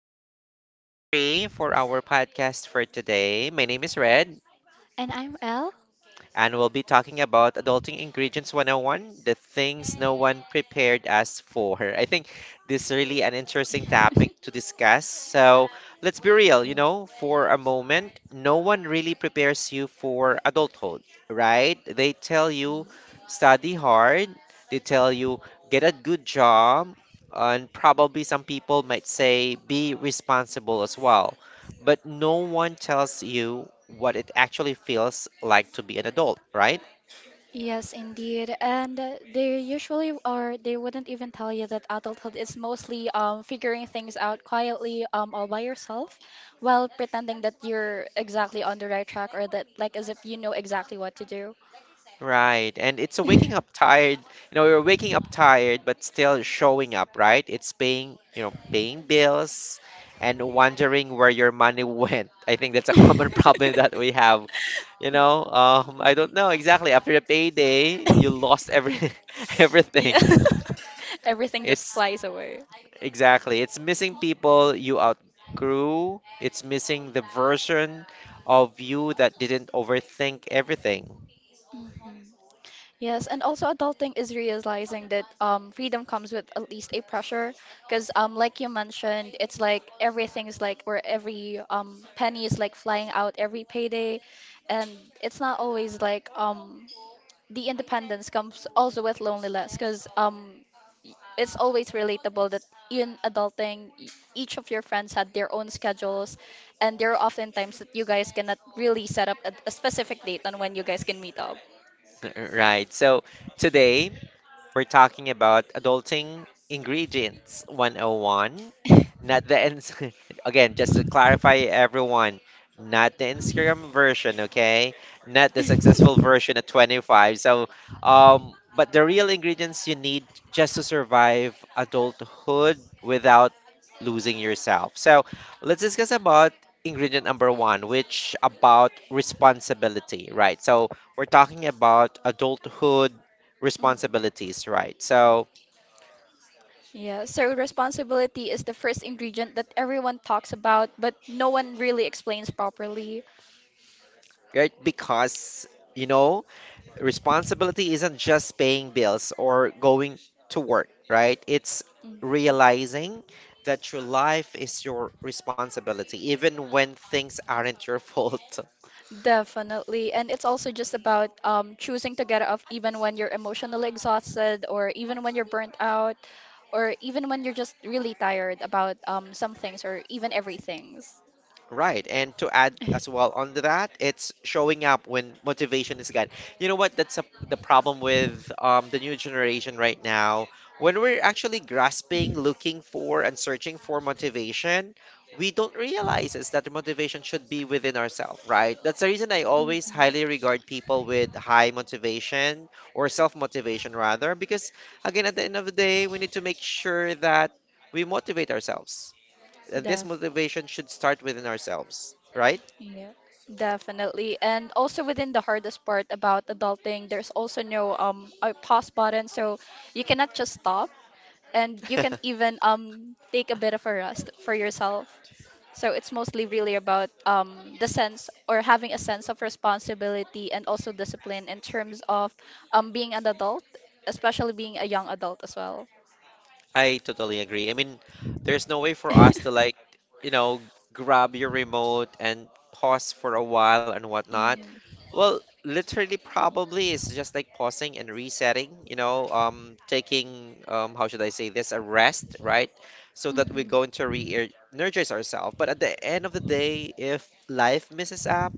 episode three for our podcast for today. My name is Red And I'm Elle. and we'll be talking about Adulting Ingredients 101, the things no one prepared us for. I think this is really an interesting topic to discuss. So let's be real, you know, for a moment, no one really prepares you for adulthood, right? They tell you study hard, they tell you get a good job, and probably some people might say be responsible as well but no one tells you what it actually feels like to be an adult, right? Yes, indeed. And they usually or They wouldn't even tell you that adulthood is mostly figuring things out quietly, all by yourself while pretending that you're exactly on the right track, or that like as if you know exactly what to do. Right. And it's a waking up tired. You know, you're waking up tired, but still showing up, right? It's paying, you know, paying bills and wondering where your money went. I think that's a common problem that we have. You know, I don't know exactly. After a payday, you lost every everything. Yeah. Everything just It's flies away. Exactly. It's missing people you outgrew. It's missing the version of you that didn't overthink everything. Mhm. Yes, and also adulting is realizing that freedom comes with at least a pressure, because like you mentioned, it's like everything's like where every penny is like flying out every payday, and it's not always like the independence comes also with loneliness, because it's always relatable that in adulting, each of your friends had their own schedules, and there are often times that you guys cannot really set up a specific date on when you guys can meet up. Right. So today, we're talking about adulting ingredients 101, not the ins again, just to clarify everyone, not the Instagram version, okay? Not the successful version at 25. So, but the real ingredients you need just to survive adulthood without losing yourself. So, let's discuss about ingredient number one, which about responsibility, right? So, we're talking about adulthood Mhm. responsibilities, right? So, Yeah, so responsibility is the first ingredient that everyone talks about, but no one really explains properly. right, because, you know, responsibility isn't just paying bills or going to work, right? It's Mm. realizing that your life is your responsibility, even when things aren't your fault. Definitely. And it's also just about choosing to get off even when you're emotionally exhausted, or even when you're burnt out, or even when you're just really tired about some things, or even everything. Right. And to add as well on to that, it's showing up when motivation is gone. You know what? That's the problem with the new generation right now. When we're actually grasping, looking for, and searching for Mhm. motivation, we don't realize is that the motivation should be within ourselves, right? That's the reason I always highly regard people with high motivation or self-motivation rather, because again, at the end of the day, we need to make sure that we motivate ourselves and this Def motivation should start within ourselves, right? yeah, Definitely. And also within the hardest part about adulting, there's also no a pause button, so you cannot just stop, and you can even take a bit of a rest for yourself. So it's mostly really about the sense, or having a sense of responsibility and also discipline in terms of being an adult, especially being a young adult as well. I totally agree. I mean, there's no way for us to like, you know, grab your remote and pause for a while and whatnot. Mm. Well, literally, probably it's just like pausing and resetting, you know, taking, how should I say this, a rest, right? So that we're going to re energize ourselves. But at the end of the day, if life misses up,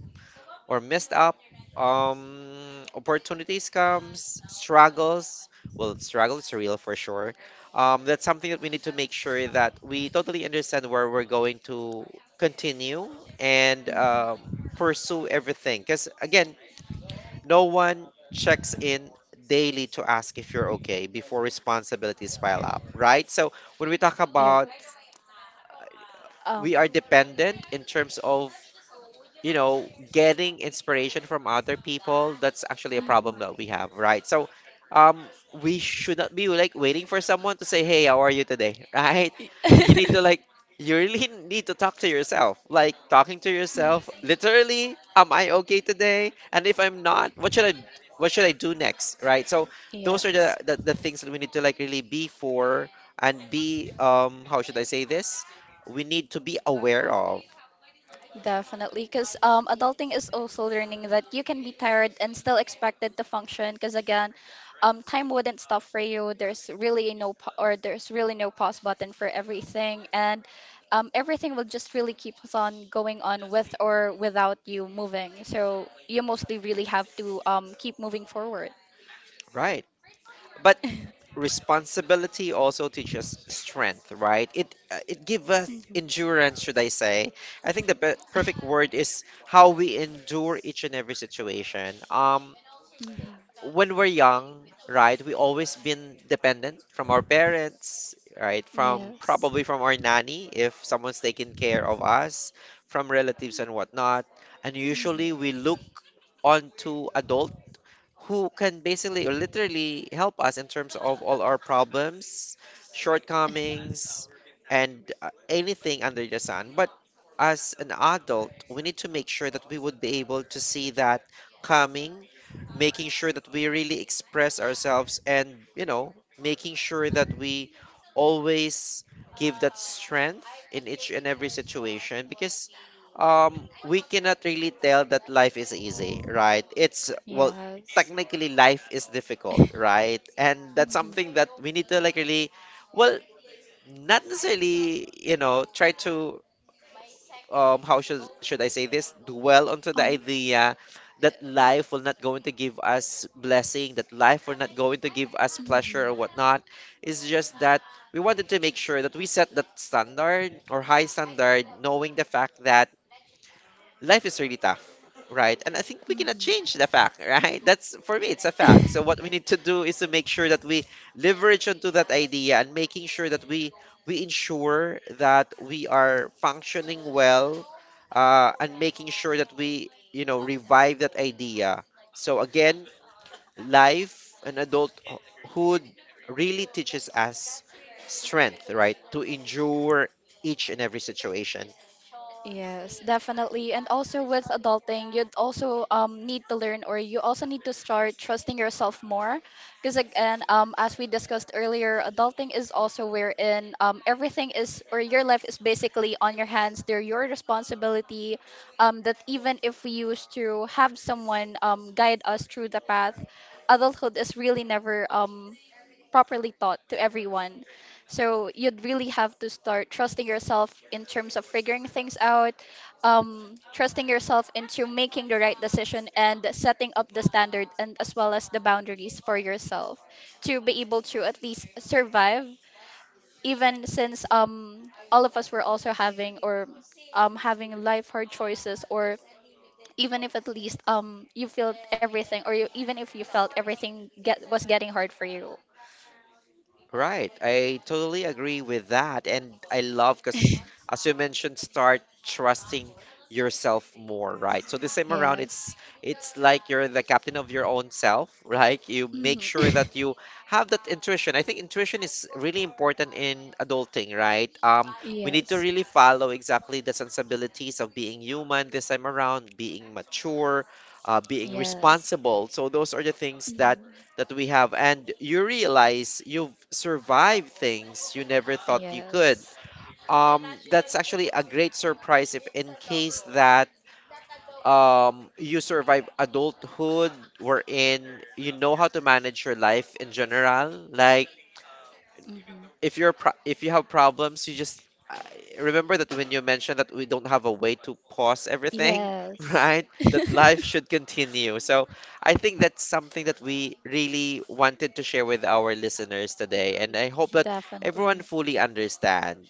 or messed up opportunities comes struggles well struggle is real for sure, that's something that we need to make sure that we totally understand where we're going to continue and Mhm. pursue everything because again no one checks in daily to ask if you're okay before responsibilities pile up, right? So when we talk Mhm. about Yes. Um. we are dependent in terms of, you know, getting inspiration from other people, that's actually a Mhm. problem that we have, right? So, um, we should not be like waiting for someone to say, "Hey, how are you today?" Right? You need to like, you really need to talk to yourself. Like talking to yourself, literally, am I okay today? And if I'm not, what should I do next, right? So those are Yes. The things that we need to like really be for and be how should I say this? We need to be aware of, Definitely, because adulting is also learning that you can be tired and still expected to function. Because again, time wouldn't stop for you. There's really no pause button for everything, and everything will just really keep on going on with or without you moving. So you mostly really have to keep moving forward. right? But responsibility also teaches strength, right? It it gives us endurance, should I say? I think the perfect word is how we endure each and every situation. Mhm, mhm. When we're young, right, we always been dependent from our parents, right? From Yes. probably from our nanny if someone's taking care of us, from relatives and whatnot. And usually Mhm. we look onto adult who can basically or literally help us in terms of all our problems, shortcomings, and anything under the sun. But as an adult, we need to make sure that we would be able to see that coming, making sure that we really express ourselves and, you know, making sure that we always give that strength in each and every situation because we cannot really tell that life is easy, right? It's well Yes. technically life is difficult, right? And that's something that we need to like really, well, not necessarily, you know, try to how should I say this? Mhm. Dwell onto the idea that life will not going to give us blessing, that life will not going to give us pleasure or whatnot. It's just that we wanted to make sure that we set that standard or high standard, knowing the fact that life is really tough, right? And I think we cannot change the fact, right? That's for me, it's a fact. So what we need to do is to make sure that we leverage onto that idea and making sure that we ensure that we are functioning well, and making sure that we you know revive that idea. So again, life and adulthood really teaches us strength, right? To endure each and every situation. Yes, definitely. And also with adulting, you'd also need to learn, or you also need to start trusting yourself more. Because again, as we discussed earlier, adulting is also wherein everything is, or your life is basically on your hands. They're your responsibility. That even if we used to have someone guide us through the path, adulthood is really never properly taught to everyone. So you'd really have to start trusting yourself in terms of figuring things out, trusting yourself into making the right decision and setting up the standard, and as well as the boundaries for yourself to be able to at least survive. Even since all of us were also having, or having life hard choices, or even if at least you felt everything, or even if you felt everything get was getting hard for you. Right, I totally agree with that, and I love because, as you mentioned, start trusting yourself more, right? So this time around, Yes. It's like you're the captain of your own self, right? You make sure that you have that intuition. I think intuition is really important in adulting, right? We need to Yes. really follow exactly the sensibilities of being human this time around, being mature, being responsible. So those are the things that we have, and you realize you've survived things you never thought you could. That's actually a great surprise if, in case that you survive adulthood, wherein you know how to manage your life in general, like if if you have problems, you just uh, remember that when you mentioned that we don't have a way to pause everything, right? That life should continue. So I think that's something that we really wanted to share with our listeners today, and I hope that everyone fully understand.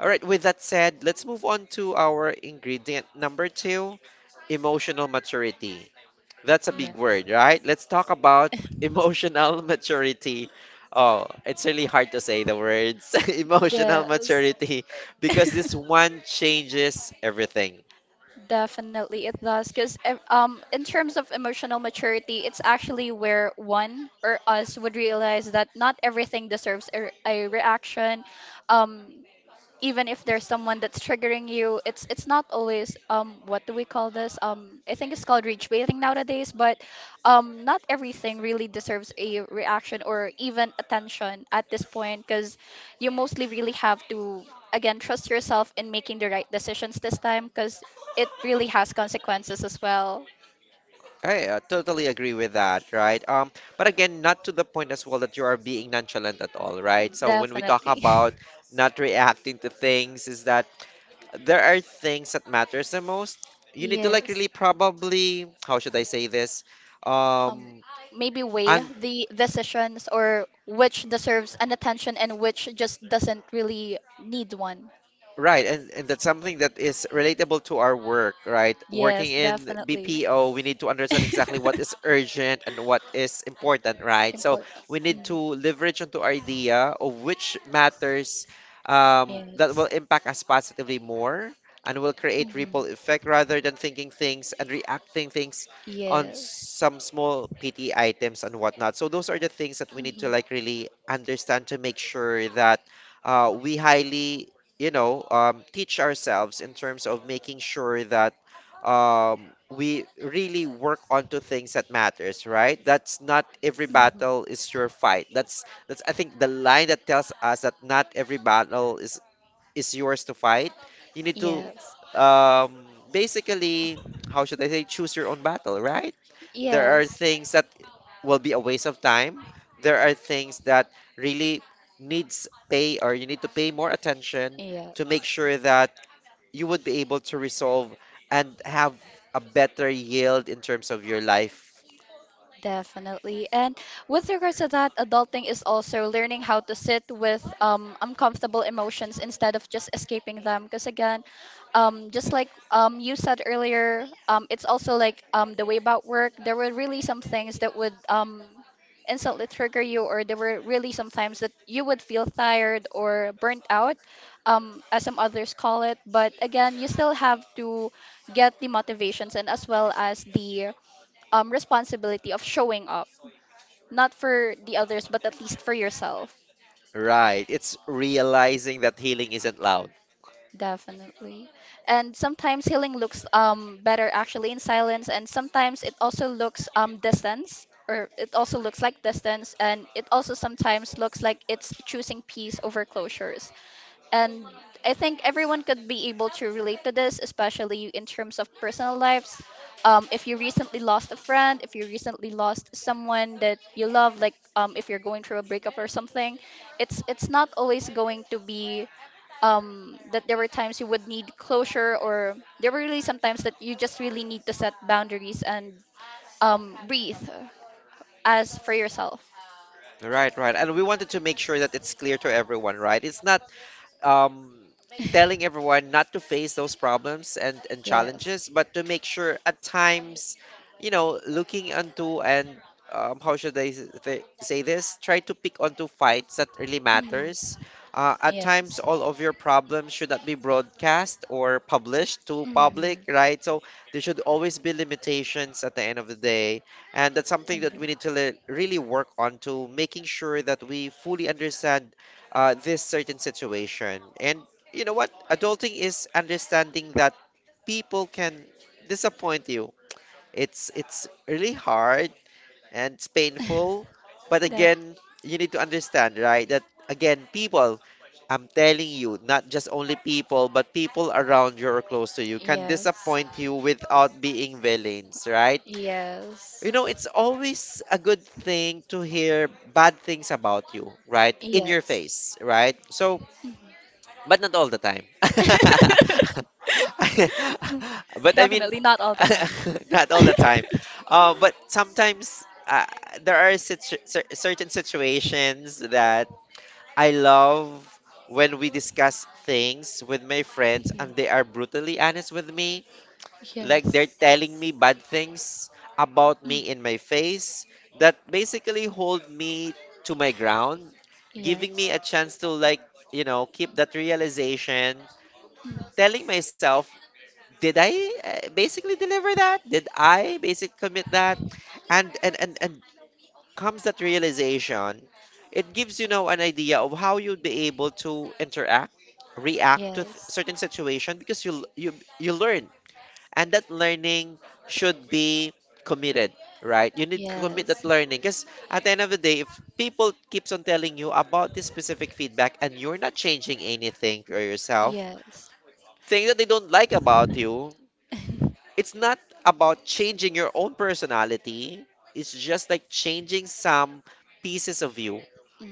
All right. With that said, let's move on to our ingredient number two, emotional maturity. That's a big Yep. word, right? Let's talk about emotional maturity. Oh, it's really hard to say the words emotional maturity because this one changes everything. Definitely, it does. Because in terms of emotional maturity, it's actually where one or us would realize that not everything deserves a reaction. Um, Even if there's someone that's triggering you, it's not always, what do we call this I think it's called rage baiting nowadays. But not everything really deserves a reaction or even attention at this point, because you mostly really have to again trust yourself in making the right decisions this time, because it really has consequences as well. I totally agree with that, right? But again, not to the point as well that you are being nonchalant at all, right? So when we talk Definitely. about not reacting to things, is that there are things that matters the most. You need to like really probably, how should I say this? um, Um, Maybe weigh the decisions, or which deserves an attention and which just doesn't really need one. Right, and that's something that is relatable to our work, right? Working Yes, in definitely. BPO, we need to understand exactly what is urgent and what is important, right? So Important. we need to Mhm. leverage onto our idea of which matters, that will Yes. impact us positively more and will create ripple Mhm. effect rather than thinking things and reacting things on Yes. some small PT items and whatnot. So those are the things that we need to Mhm. like really understand to make sure that we highly you know, teach ourselves in terms of making sure that we really work onto things that matters, right? That's not every battle is your Mhm. fight. That's I think the line that tells us that not every battle is yours to fight. You need to Yes. um, basically, how should I say, choose your own battle, right? There are Yes. things that will be a waste of time. There are things that really needs pay or you need to pay more attention Yeah. to make sure that you would be able to resolve and have a better yield in terms of your life. Definitely. And with regards to that, adulting is also learning how to sit with uncomfortable emotions instead of just escaping them. Because again, just like you said earlier, it's also like the way about work, there were really some things that would instantly trigger you, or there were really some times that you would feel tired or burnt out, as some others call it. But again, you still have to get the motivations and as well as the responsibility of showing up, not for the others, but at least for yourself. Right. It's realizing that healing isn't loud. Definitely. And sometimes healing looks better actually in silence, and sometimes it also looks like distance, and it also sometimes looks like it's choosing peace over closures. And I think everyone could be able to relate to this, especially in terms of personal lives. If you recently lost a friend, if you recently lost someone that you love, like if you're going through a breakup or something, it's not always going to be, that there were times you would need closure, or there were really sometimes that you just really need to set boundaries and breathe as for yourself. Right, right. And we wanted to make sure that it's clear to everyone, right? It's not um, telling everyone not to face those problems and Yes. challenges, but to make sure at times, you know, looking into and how should I say this? Try to pick onto fights that really Mhm. matters. At times, Yes. all of your problems should not be broadcast or published to public, Mhm. right? So there should always be limitations at the end of the day, and that's something that we Indeed. need to really work on to making sure that we fully understand this certain situation. And you know what? Adulting is understanding that people can disappoint you. It's really hard and it's painful, but That. again, you need to understand, right? That again, people, I'm telling you, not just only people, but people around you or close to you can Yes. disappoint you without being villains, right? Yes. You know, it's always a good thing to hear bad things about you, right? In your Yes. face, right? Mhm. But not all the time. but I mean, Definitely not all the time. not all the time. But sometimes there are certain situations that I love when we discuss things with my friends and they are brutally honest with me, Like. like they're telling me bad things about me in my face, that basically hold me to my ground, giving me a chance to, keep that realization, Mm. telling myself, did I basically, deliver that? Did I basically commit that? And comes that realization. It gives, you know, an idea of how you'd be able to interact react to certain situation, because you l- you learn, and that learning should be committed. Right? You need to commit that learning, because at the end of the day, if people keeps on telling you about this specific feedback and you're not changing anything for yourself, Yes. things that they don't like about you, it's not about changing your own personality, it's just like changing some pieces of you.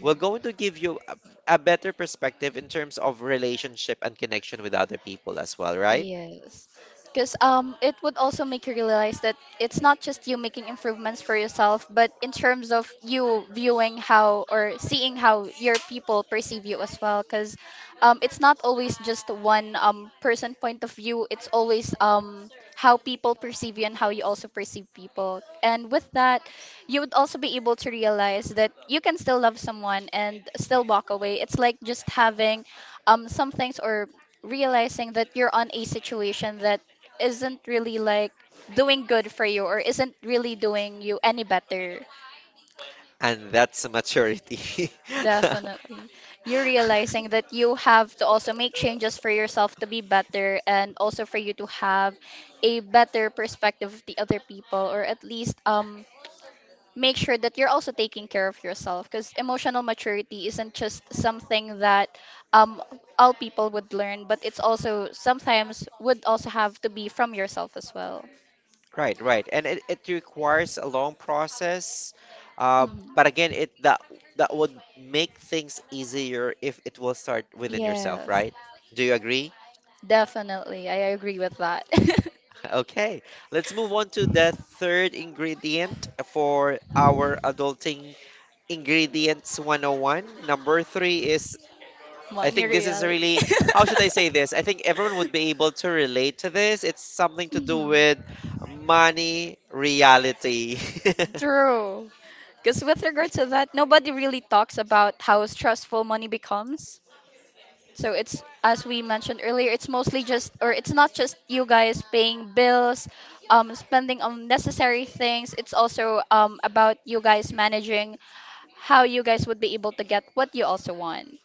We're going to give you a better perspective in terms of relationship and connection with other people as well, right? Yes. Because it would also make you realize that it's not just you making improvements for yourself, but in terms of you viewing how or seeing how your people perceive you as well. Because it's not always just one person point of view. It's always how people perceive you and how you also perceive people. And with that, you would also be able to realize that you can still love someone and still walk away. It's like just having some things, or realizing that you're on a situation that isn't really like doing good for you, or isn't really doing you any better. And that's maturity. Definitely. You're realizing that you have to also make changes for yourself to be better, and also for you to have a better perspective of the other people, or at least make sure that you're also taking care of yourself, because emotional maturity isn't just something that um, all people would learn, but it's also sometimes would also have to be from yourself as well. Right, right. And it requires a long process. Uh, Mhm. but again, it that that would make things easier if it will start within yourself, Yes, right? Do you agree? definitely, I agree with that. Okay. Let's move on to the third ingredient for our adulting ingredients 101. Number three is, I Money think this is reality. really, how should I say this? I think everyone would be able to relate to this. It's something to do Mhm. with money reality. True. Because with regard to that, nobody really talks about how stressful money becomes. So it's, as we mentioned earlier, it's mostly just, or it's not just you guys paying bills, spending on necessary things. It's also about you guys managing how you guys would be able to get what you also want.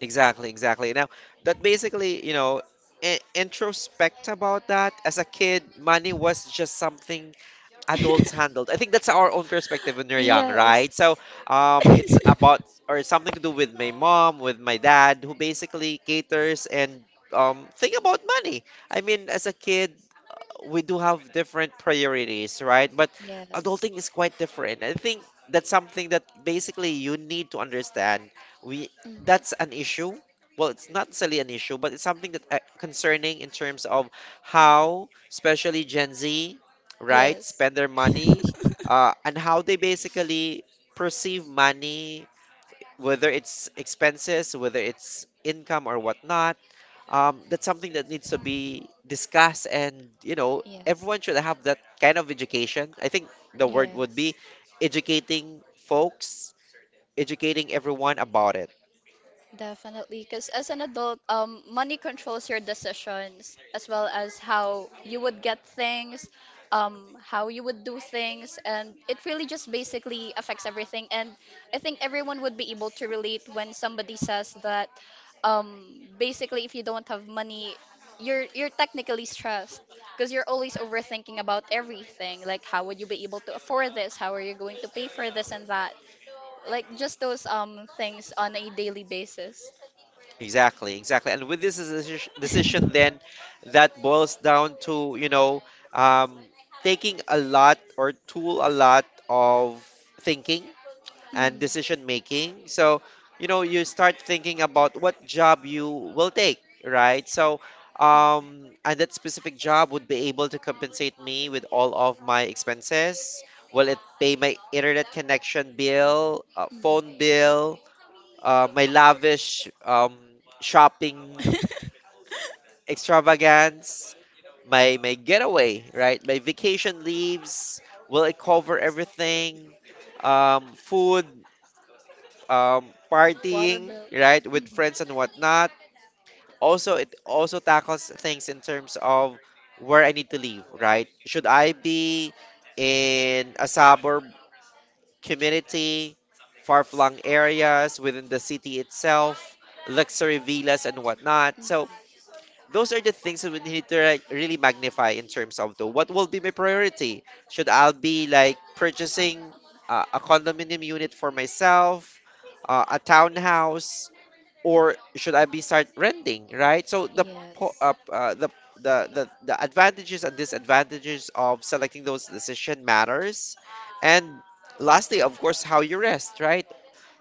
Exactly, exactly. Now, that basically, you know, introspect about that. As a kid, money was just something adults handled. I think that's our own perspective when we are young, right? Yes. So it's about, or something to do with my mom, with my dad, who basically caters and think about money. I mean, as a kid, we do have different priorities, right? But adulting is Yes. quite different. I think that's something that basically you need to understand. We That's an issue. Well, it's not necessarily an issue, but it's something that concerning in Mhm. terms of how, especially Gen Z, right? Yes. Spend their money, Yes. And how they basically perceive money, whether it's expenses, whether it's income or whatnot. That's something that needs to be discussed, and, you know, everyone should have that kind of education. I think the word would Yes. be educating folks, educating everyone about it. Definitely, because as an adult, money controls your decisions, as well as how you would get things, how you would do things, and it really just basically affects everything. And I think everyone would be able to relate when somebody says that, basically, if you don't have money, you're technically stressed because you're always overthinking about everything. Like, how would you be able to afford this? How are you going to pay for this and that? Like just those things on a daily basis. Exactly, exactly. And with this decision, then that boils down to, you know, um, taking a lot, or tool a lot of thinking and decision making. So, you know, you start thinking about what job you will take, right? So, and that specific job would be able to compensate me with all of my expenses. Will it pay my internet connection bill, phone bill? My lavish shopping extravagance, my getaway, right? My vacation leaves. Will it cover everything? Food, um, partying, Bill. right, with Mhm. friends and whatnot. Also, it also tackles things in terms of where I need to live, right? Should I be in a suburb community, far-flung areas within the city itself, luxury villas and whatnot. So those are the things that we need to, like, really magnify in terms of the what will be my priority. Should I be like purchasing a condominium unit for myself, a townhouse, or should I be start renting, right? So the the the advantages and disadvantages of selecting those decision matters, and lastly, of course, how you rest, right?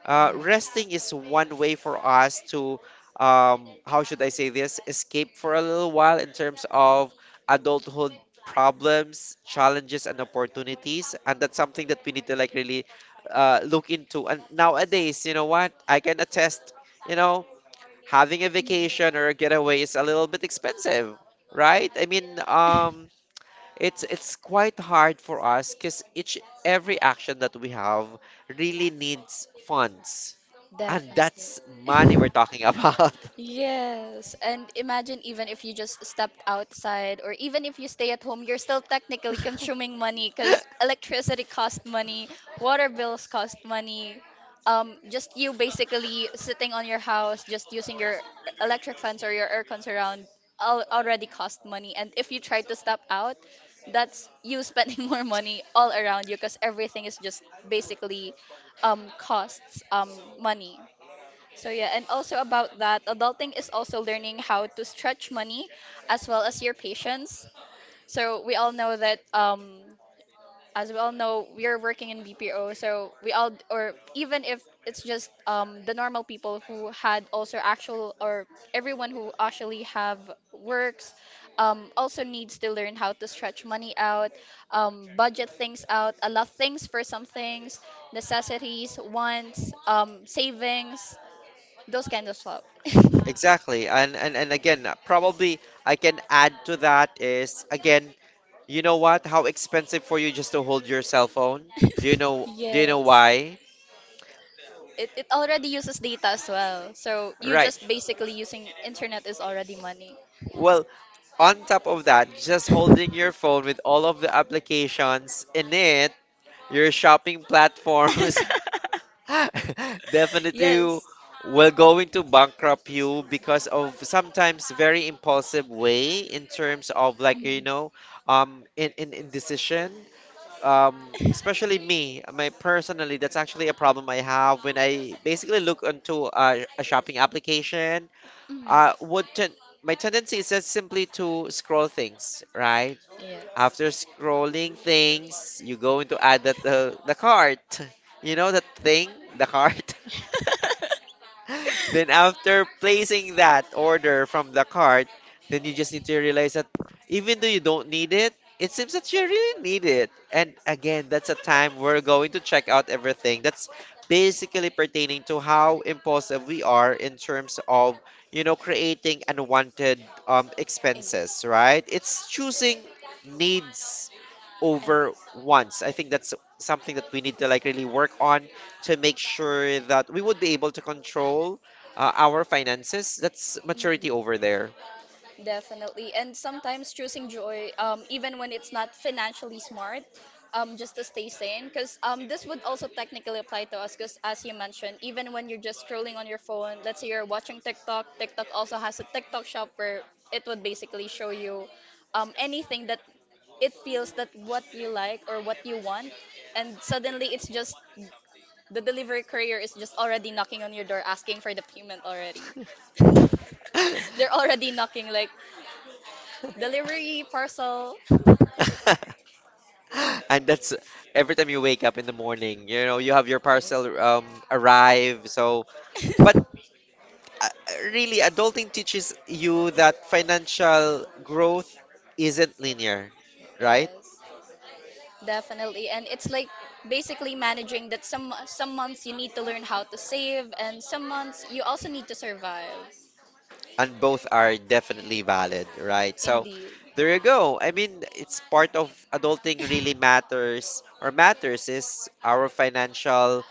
Resting is one way for us to how should I say this? Escape for a little while in terms of adulthood problems, challenges, and opportunities, and that's something that we need to, like, really look into. And nowadays, you know what? I can attest, you know, having a vacation or a getaway is a little bit expensive, right? I mean, it's quite hard for us, because each every action that we have really needs funds, and Definitely. that's money we're talking about. Yes, and imagine, even if you just stepped outside or even if you stay at home, you're still technically consuming money, because electricity costs money, water bills cost money. Just you basically sitting on your house, just using your electric fans or your air cons around al already cost money. And if you try to step out, that's you spending more money all around you, because everything is just basically costs money. So yeah, and also about that, adulting is also learning how to stretch money as well as your patience. So we all know that as we all know, we are working in BPO, so we all, or even if it's just the normal people who had also actual, or everyone who actually have works, also needs to learn how to stretch money out, budget things out, allot things for some things, necessities, wants, savings, those kind of stuff. Exactly. And, and again, probably I can add to that is again, you know what? How expensive for you just to hold your cell phone? Do you know why? It already uses data as well. So you Right. just basically using internet is already money. Well, on top of that, just holding your phone with all of the applications in it, your shopping platforms, definitely Yes. will go into bankrupt you because of sometimes very impulsive way in terms of, like, you know, in decision, um especially me, my personally, that's actually a problem I have when I basically look into a shopping application. Mhm. Mhm. Would ten My tendency is just simply to scroll things, right? Yeah. Indeed. After scrolling things, you're going to add that the cart. You know that thing, the cart. Then after placing that order from the cart, then you just need to realize that even though you don't need it, it seems that you really need it. And again, that's a time we're going to check out everything. That's basically pertaining to how impulsive we are in terms of, you know, creating unwanted expenses, right? It's choosing needs And. over wants. I think that's something that we need to, like, really work on to make sure that we would be able to control our finances. That's maturity over Mm-hmm. there. Definitely. And sometimes choosing joy, even when it's not financially smart, just to stay sane. Because this would also technically apply to us, because as you mentioned, even when you're just scrolling on your phone, let's say you're watching TikTok, TikTok also has a TikTok shop where it would basically show you anything that it feels that what you like or what you want. And suddenly it's just the delivery courier is just already knocking on your door asking for the payment already. They're already knocking like. Delivery, parcel. And that's, every time you wake up in the morning, you know, you have your Yes. parcel arrive. So uh, really, adulting teaches you that financial growth isn't linear, right? Yes, definitely. And it's like basically managing that some months you need to learn how to save and some months you also need to survive. And both are definitely valid, right? So Indeed. there you go. I mean, it's part of adulting. Really matters, or matters is our financial,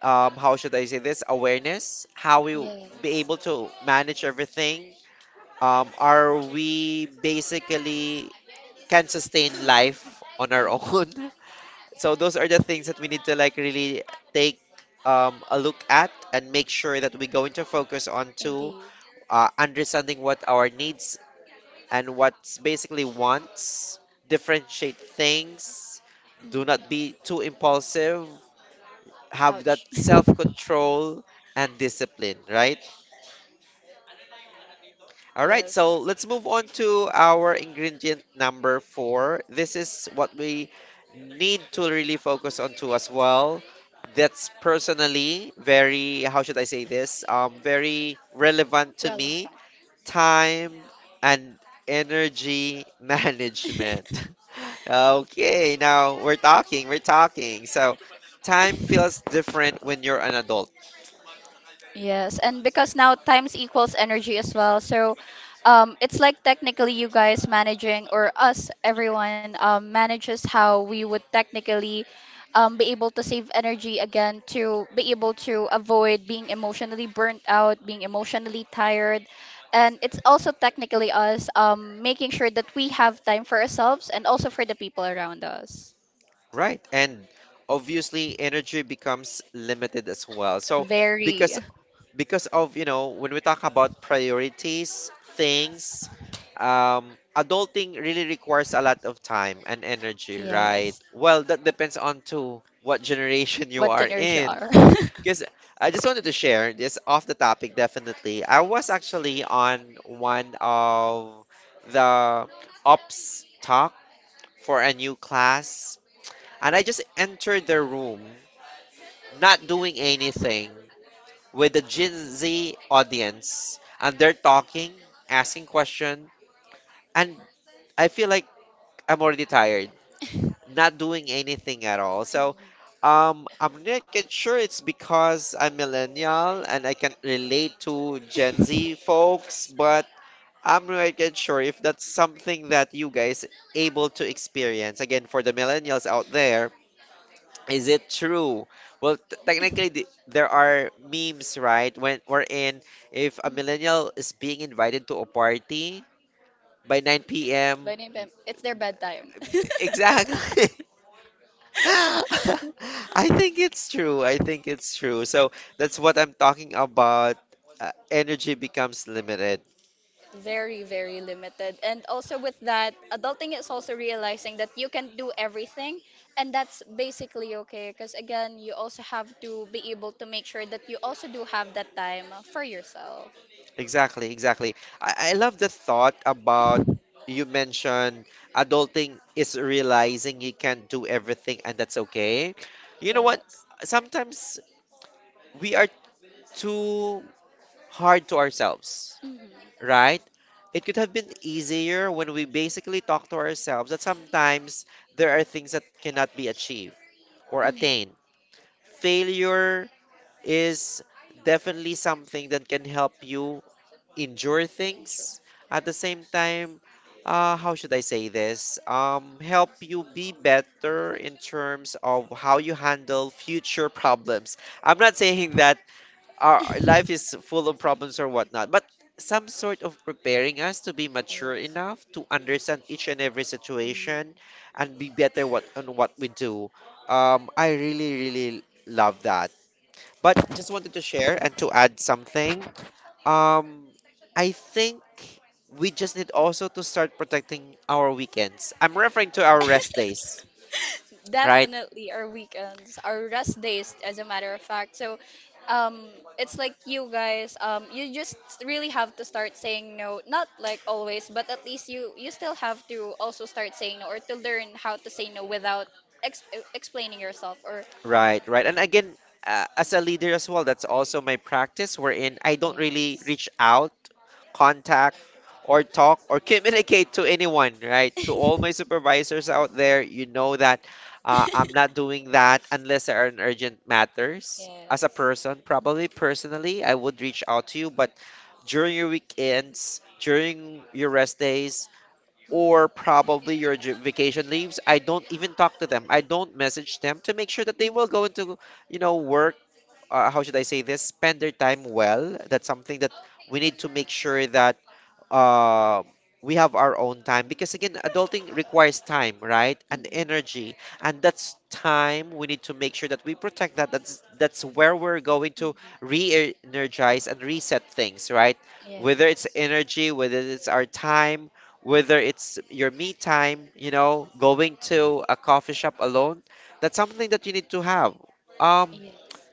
how should I say this, awareness, how Yes. be able to manage everything. Are we basically can sustain life on our Mm. own? So those are the things that we need to, like, really take a look at and make sure that we're going to focus on to Indeed. Understanding what our needs and what's basically wants, differentiate things, do not be Mhm. too impulsive, have that self-control and discipline, right? All right, so let's move on to our ingredient number four. This is what we need to really focus on too as well. That's personally very, how should I say this? Very relevant to me. Time and energy management. Okay, now we're talking, we're talking. So time feels different when you're an adult, Yes, and because now times equals energy as well. So it's like technically you guys managing, or us, everyone manages how we would technically be able to save energy again to be able to avoid being emotionally burnt out, being emotionally tired. And it's also technically us making sure that we have time for ourselves and also for the people around us. right? And obviously energy becomes limited as well. So Very. because because of, you know, when we talk about priorities, things, um adulting really requires a lot of time and energy, right? Yes. Well, that depends on to what generation you What are generation you in, are? because I just wanted to share this, off the topic definitely. I was actually on one of the ops talk for a new class, and I just entered the room, not doing anything, with the Gen Z audience, and they're talking, asking questions, and I feel like I'm already tired, not doing anything at all. So I'm not quite sure it's because I'm millennial and I can relate to Gen Z folks, but I'm not quite sure if that's something that you guys able to experience. Again, for the millennials out there, is it true? Well, technically, there are memes, right? When wherein if a millennial is being invited to a party by 9 p.m. By name, them, it's their bedtime. Exactly. I think it's true. I think it's true. So that's what I'm talking about. Energy becomes limited. Very, very limited. And also with that, adulting is also realizing that you can do everything, and that's basically okay. Because again, you also have to be able to make sure that you also do have that time for yourself. Exactly, exactly. I love the thought about you mentioned, adulting is realizing you can't do everything and that's okay. You know what? Yes. Sometimes we are too hard to ourselves, Mhm. right? It could have been easier when we basically talk to ourselves that sometimes there are things that cannot be achieved or Mhm. attained. Failure is definitely something that can help you endure things, at the same time how should I say this, help you be better in terms of how you handle future problems. I'm not saying that our life is Yes. full of problems or whatnot, but some sort of preparing us to be mature enough to understand each and every situation and be better what on what we do. I really, really love that, but just wanted to share and to add something. um, I think we just need also to start protecting our weekends. I'm referring to our rest days, Mhm. right? Definitely our weekends, our rest days, as a matter of fact. So, um, it's like you just really have to start saying no. Not like always, but at least you still have to also start saying no, or to learn how to say no without ex explaining yourself or. Right, right. And again, as a leader as well, that's also my practice wherein I don't Yeah. really reach out, contact, or talk or communicate to anyone, right? To all my supervisors out there, you know that I'm not doing that unless there are an urgent matters. As a person, probably personally, I would reach out to you, but during your weekends, during your rest days, Yeah. or probably your vacation leaves. I don't even talk to them. I don't message them to make sure that they Mm, mhm. will go into, you know, work how should I say this, spend their time well. That's something that we need to make sure that uh, we have our own time because again, adulting requires time, right? And Mhm. energy, and that's time we need to make sure that we protect that. That's where we're going to re-energize and reset things, right? Whether Yes. it's energy, whether it's our time, whether it's your me time, you know, going to a coffee shop alone, that's something that you need to have. Um, Yes.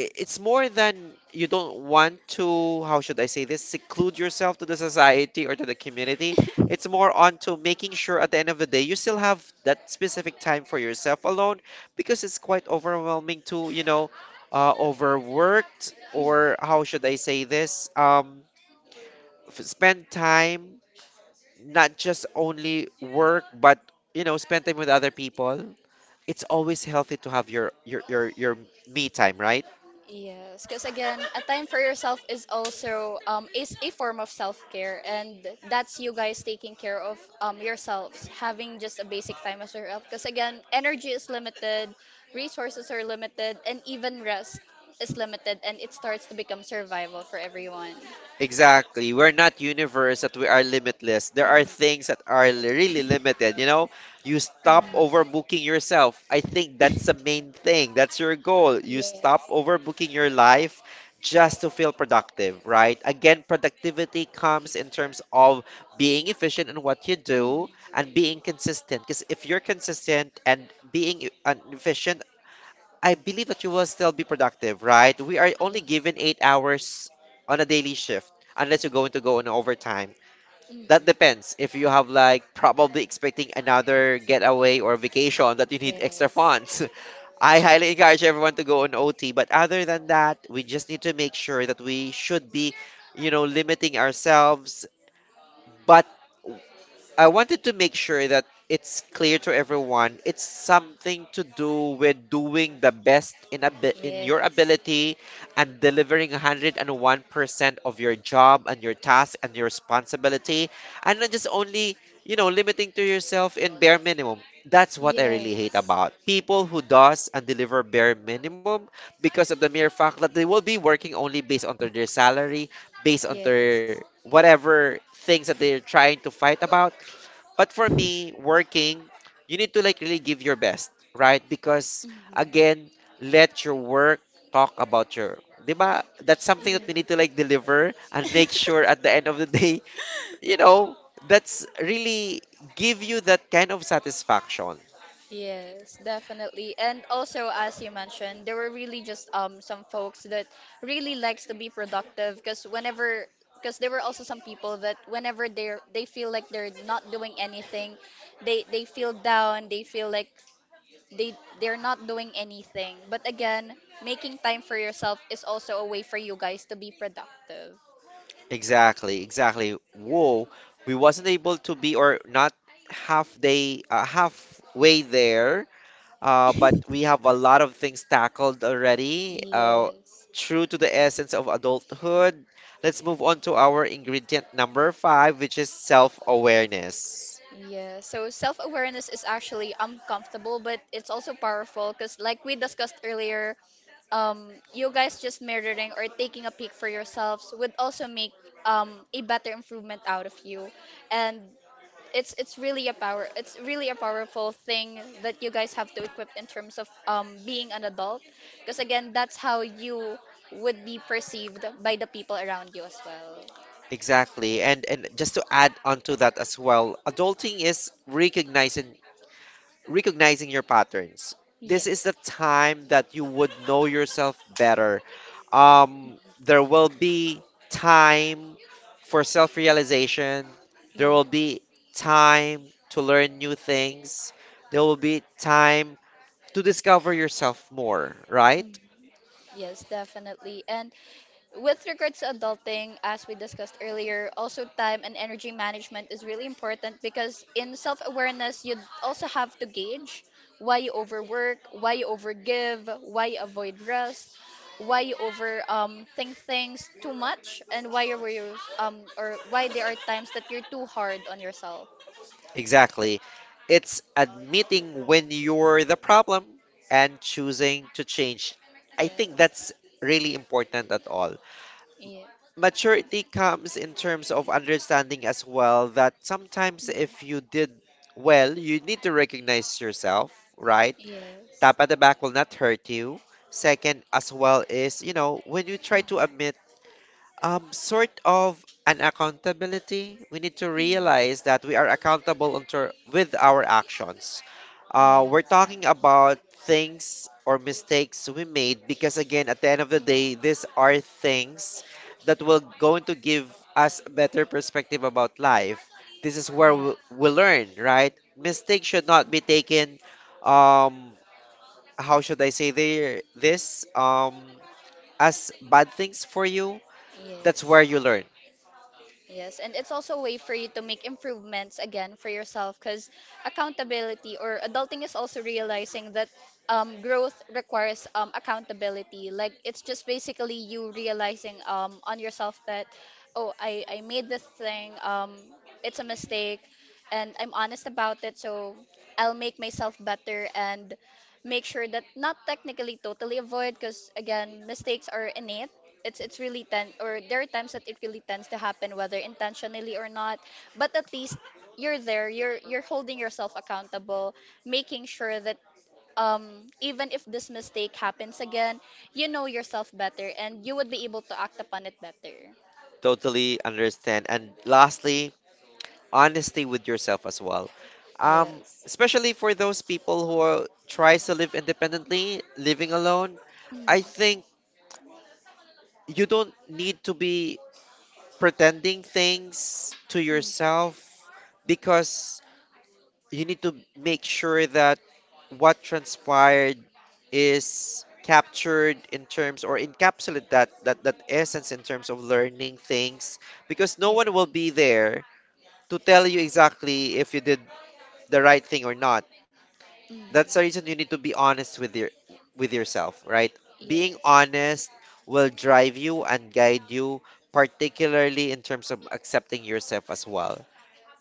it's more than you don't want to, how should I say this, seclude yourself to the society or to the community. It's more on to making sure at the end of the day you still have that specific time for yourself alone because it's quite overwhelming to, you know, overworked or how should I say this, spend time, not just only work, but, you know, spend time with other people. It's always healthy to have your me time, right? Yes, because again, a time for yourself is also is a form of self-care and that's you guys taking care of yourselves, having just a basic time as yourself. Because again, energy is limited, resources are limited, and even rest is limited and it starts to become survival for everyone. Exactly. We're not universe that we are limitless. There are things that are really limited, you know? You stop overbooking yourself. I think that's the main thing. That's your goal. You stop overbooking your life just to feel productive, right? Again, productivity comes in terms of being efficient in what you do and being consistent. Because if you're consistent and being e- and efficient, I believe that you will still be productive, right? We are only given 8 hours on a daily shift unless you're going to go on overtime. That depends if you have like probably expecting another getaway or vacation that you need extra funds. I highly encourage everyone to go on OT, but other than that, we just need to make sure that we should be, you know, limiting ourselves, but I wanted to make sure that it's clear to everyone. It's something to do with doing the best in your ability and delivering 101% of your job and your task and your responsibility and not just only, you know, limiting to yourself in bare minimum. That's what I really hate about people who does and deliver bare minimum because of the mere fact that they will be working only based on their salary, based on their whatever things that they're trying to fight about, but for me, working, you need to like really give your best, right? Because again, let your work talk about your, 'di ba? That's something that we need to like deliver and make sure at the end of the day, you know, that's really give you that kind of satisfaction. Yes, definitely. And also, as you mentioned, there were really just some folks that really likes to be productive because there were also some people that whenever they feel like they're not doing anything, they feel down, they feel like they're not doing anything. But again, making time for yourself is also a way for you guys to be productive. Exactly, exactly. Whoa, we wasn't able to be or not half day, halfway there, but we have a lot of things tackled already. Yes. True to the essence of adulthood. Let's move on to our ingredient number five, which is self-awareness. Yeah, so self awareness is actually uncomfortable, but it's also powerful because, like we discussed earlier, you guys just mirroring or taking a peek for yourselves would also make a better improvement out of you, and it's really a power it's really a powerful thing that you guys have to equip in terms of being an adult, because again, that's how you would be perceived by the people around you as well. Exactly. And just to add on to that as well, adulting is recognizing your patterns. This is Yes. the time that you would know yourself better. There will be time for self realization, Yeah. there will be time to learn new things, there will be time to discover yourself more, right? Mm. Yes, definitely. And with regards to adulting, as we discussed earlier, also time and energy management is really important because in self awareness, you also have to gauge why you overwork, why you overgive, why you avoid rest, why you over think things too much, and why you were you, or why there are times that you're too hard on yourself. Exactly. It's admitting when you're the problem and choosing to change. Yes. I Yeah. think that's Yes. really important at all. Maturity comes in terms of understanding as well that sometimes if you Mhm. did well, you need to recognize yourself, right? Tap at the back will not hurt you. Second, as well, is you know, when you try to admit sort of an accountability. We need to Yes. realize that we are accountable unto, with our actions. We're talking about things or mistakes we made because, again, at the end of the day, these are things that will going to give us a better perspective about life. This is where Mhm. we learn, right? Mistakes should not be taken. Um, how should I say they, this? As bad things for you. Yeah. That's Yes. where you learn. Yes, and it's also a way for you to make improvements again for yourself because accountability or adulting is also realizing that growth requires accountability. Like it's just basically you realizing on yourself that, oh, I made this thing, it's a mistake, and I'm honest about it, so I'll make myself better and make sure that not technically totally avoid, because again mistakes are innate. It's really ten, or there are times that it really tends to happen whether intentionally or not, but at least you're there you're holding yourself accountable, making sure that even if this mistake happens again, you know yourself better and you would be able to act upon it better. Totally understand. And lastly, honesty with yourself as well. Yes. Especially for those people who are, tries to live independently, living alone, Mm. I Mm. think you don't need to be pretending things to yourself because you need to make sure that what transpired is captured in terms or encapsulate that essence in terms of learning things because no one will be there to tell you exactly if you did the right thing or not. Mm. That's the reason you need to be honest with your with yourself, right? Being Yes. honest will drive you and guide you, particularly in terms of accepting yourself as well.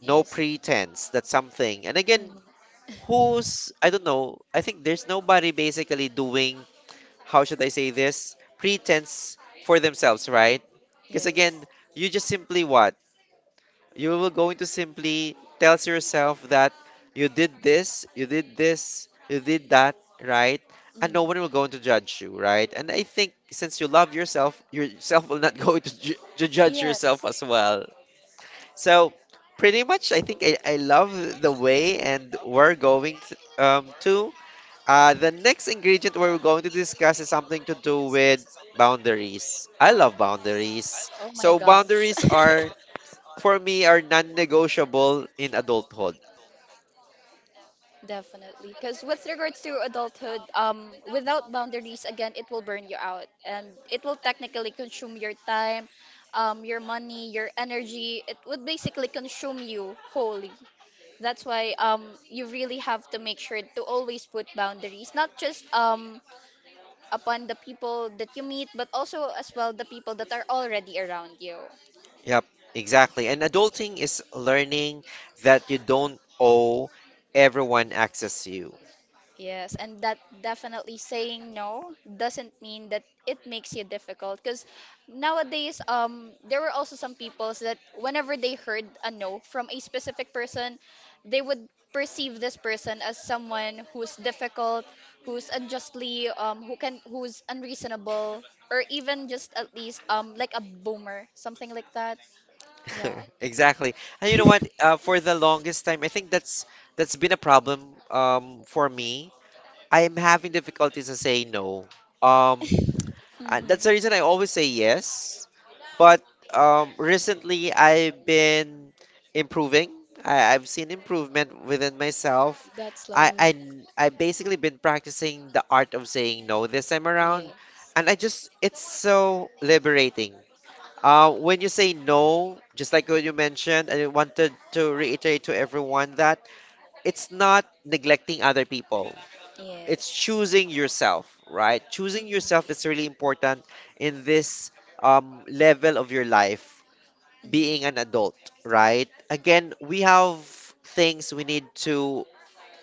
No pretense, that's something. And again, Mhm. who's I don't know, I think there's nobody basically doing, how should I say this? Pretense for themselves, right? Because Yes. again, you just simply what? You will going to simply tells yourself that you did this, you did this, you did that, right? And no one will going to judge you, right? And I think since you love yourself, yourself will not go to, to Mm. judge Yes. yourself as well. So pretty much, I think I love the way and we're going to. The next ingredient we're going to discuss is something to do with boundaries. I love Oh my boundaries. gosh. So boundaries are for me are non-negotiable in adulthood. Definitely. Because with regards to adulthood, without boundaries, again, it will burn you out and it will technically consume your time, your money, your energy. It would basically consume you wholly. That's why you really have to make sure to always put boundaries, not just upon the people that you meet, but also as well the people that are already around you. Yep, exactly. And adulting is learning that you don't owe everyone access to you. Yes, and that definitely saying no doesn't mean that it makes you difficult because nowadays there were also some peoples that whenever they heard a no from a specific person, they would perceive this person as someone who's difficult, who's unjustly who can who's unreasonable, or even just at least like a boomer, something like that. Yeah. Exactly. And you know what? For the longest time, I think that's been a problem for me. I am having difficulties to say no. Um, And Mhm. that's the reason I always say yes. But recently, I've been improving. I've seen improvement within myself. That's I, I lovely. I basically been practicing the art of saying no this time Yeah. around, and I just it's so liberating. When you say no, just like what you mentioned, I wanted to reiterate to everyone that it's not neglecting other people, it's Yes. choosing yourself, right? Choosing Mm. yourself is really important in this level of your life, Mm. being an adult, right? Again, we have things we need to,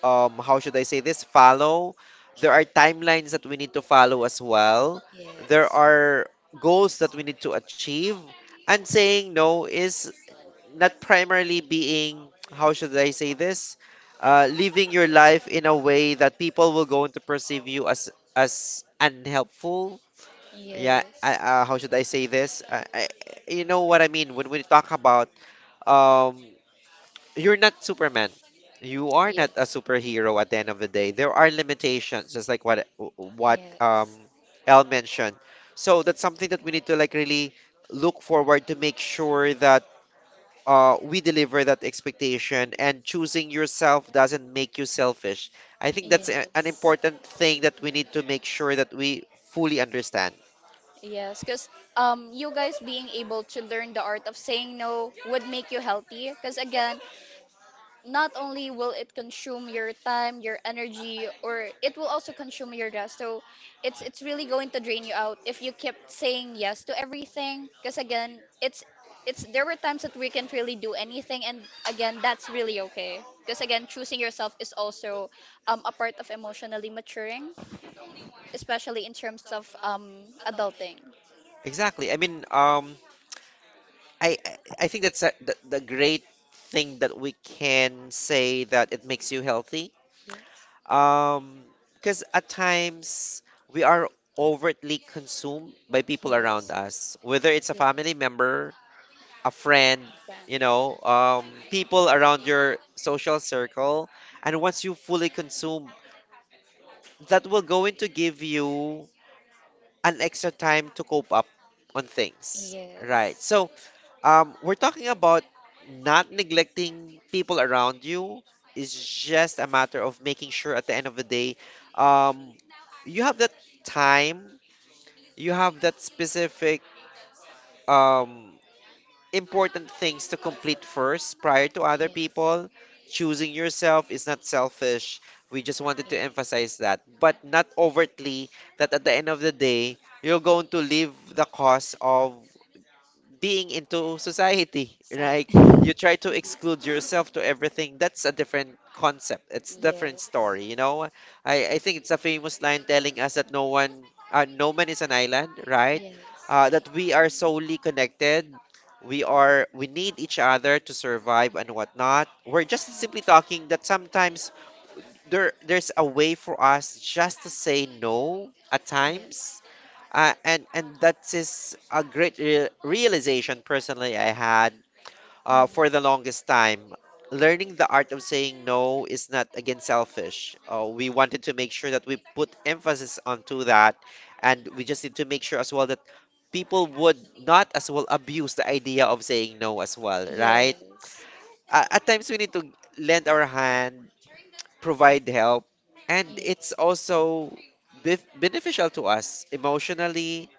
how should I say this, follow. There are timelines that we need to follow as well. There Yes. are goals that we need to achieve. And saying no is not primarily being, how should I say this? Living your life in a way that people will going to perceive you as unhelpful. Yeah, Yes. How should I say this? You know what I mean when we talk about um, you're not Superman. You are not a Yes. superhero at the end of the day. There are limitations, just like what what Yes. um, El mentioned. So that's something that we need to like really look forward to make sure that we deliver that expectation and choosing yourself doesn't make you selfish. I think that's a, an Yes. important thing that we need to make sure that we fully understand. Yes, because you guys being able to learn the art of saying no would make you healthy. Because again, not only will it consume your time, your energy, or it will also consume your rest. So it's really going to drain you out if you kept saying yes to everything. Because again, it's there were times that we can't really do anything, and again, that's really okay. Because again, choosing yourself is also a part of emotionally maturing, especially in terms of adulting. Exactly. I mean, I think that's a, the great thing that we can say that it makes you healthy. Um, because at times we are overtly consumed by people around Yes. Yes. us, whether it's a family member, a friend, A friend. you know, people around your social circle. And once you fully consume, that will going to give you an extra time to cope up on things. Right. Yes. So, we're talking about not neglecting people around you. It's just a matter of making sure at the end of the day, um, you have that time, you have that specific um, important things to complete first prior to other Yeah. people. Choosing yourself is not selfish. We just wanted to emphasize that, but not overtly that at the end of the day, you're going to leave the cause of being into society, So, right? You try to indeed. exclude yourself to everything. That's a different concept. It's different story, you know. I think it's a famous line telling us that no one, no man is an island, right? Yes, or That we are solely connected. We need each other to survive and whatnot. We're just simply talking that sometimes there's a way for us just to say no at times, and that is a great realization personally I had, mm, for the longest time. Learning the art of saying no is not again selfish. We wanted to make sure that we put emphasis onto that, and we just need to make sure as well that people would not as well abuse the idea of saying no as well, for right? yes. At times we need to lend our hand, provide help, and it's also beneficial to us emotionally,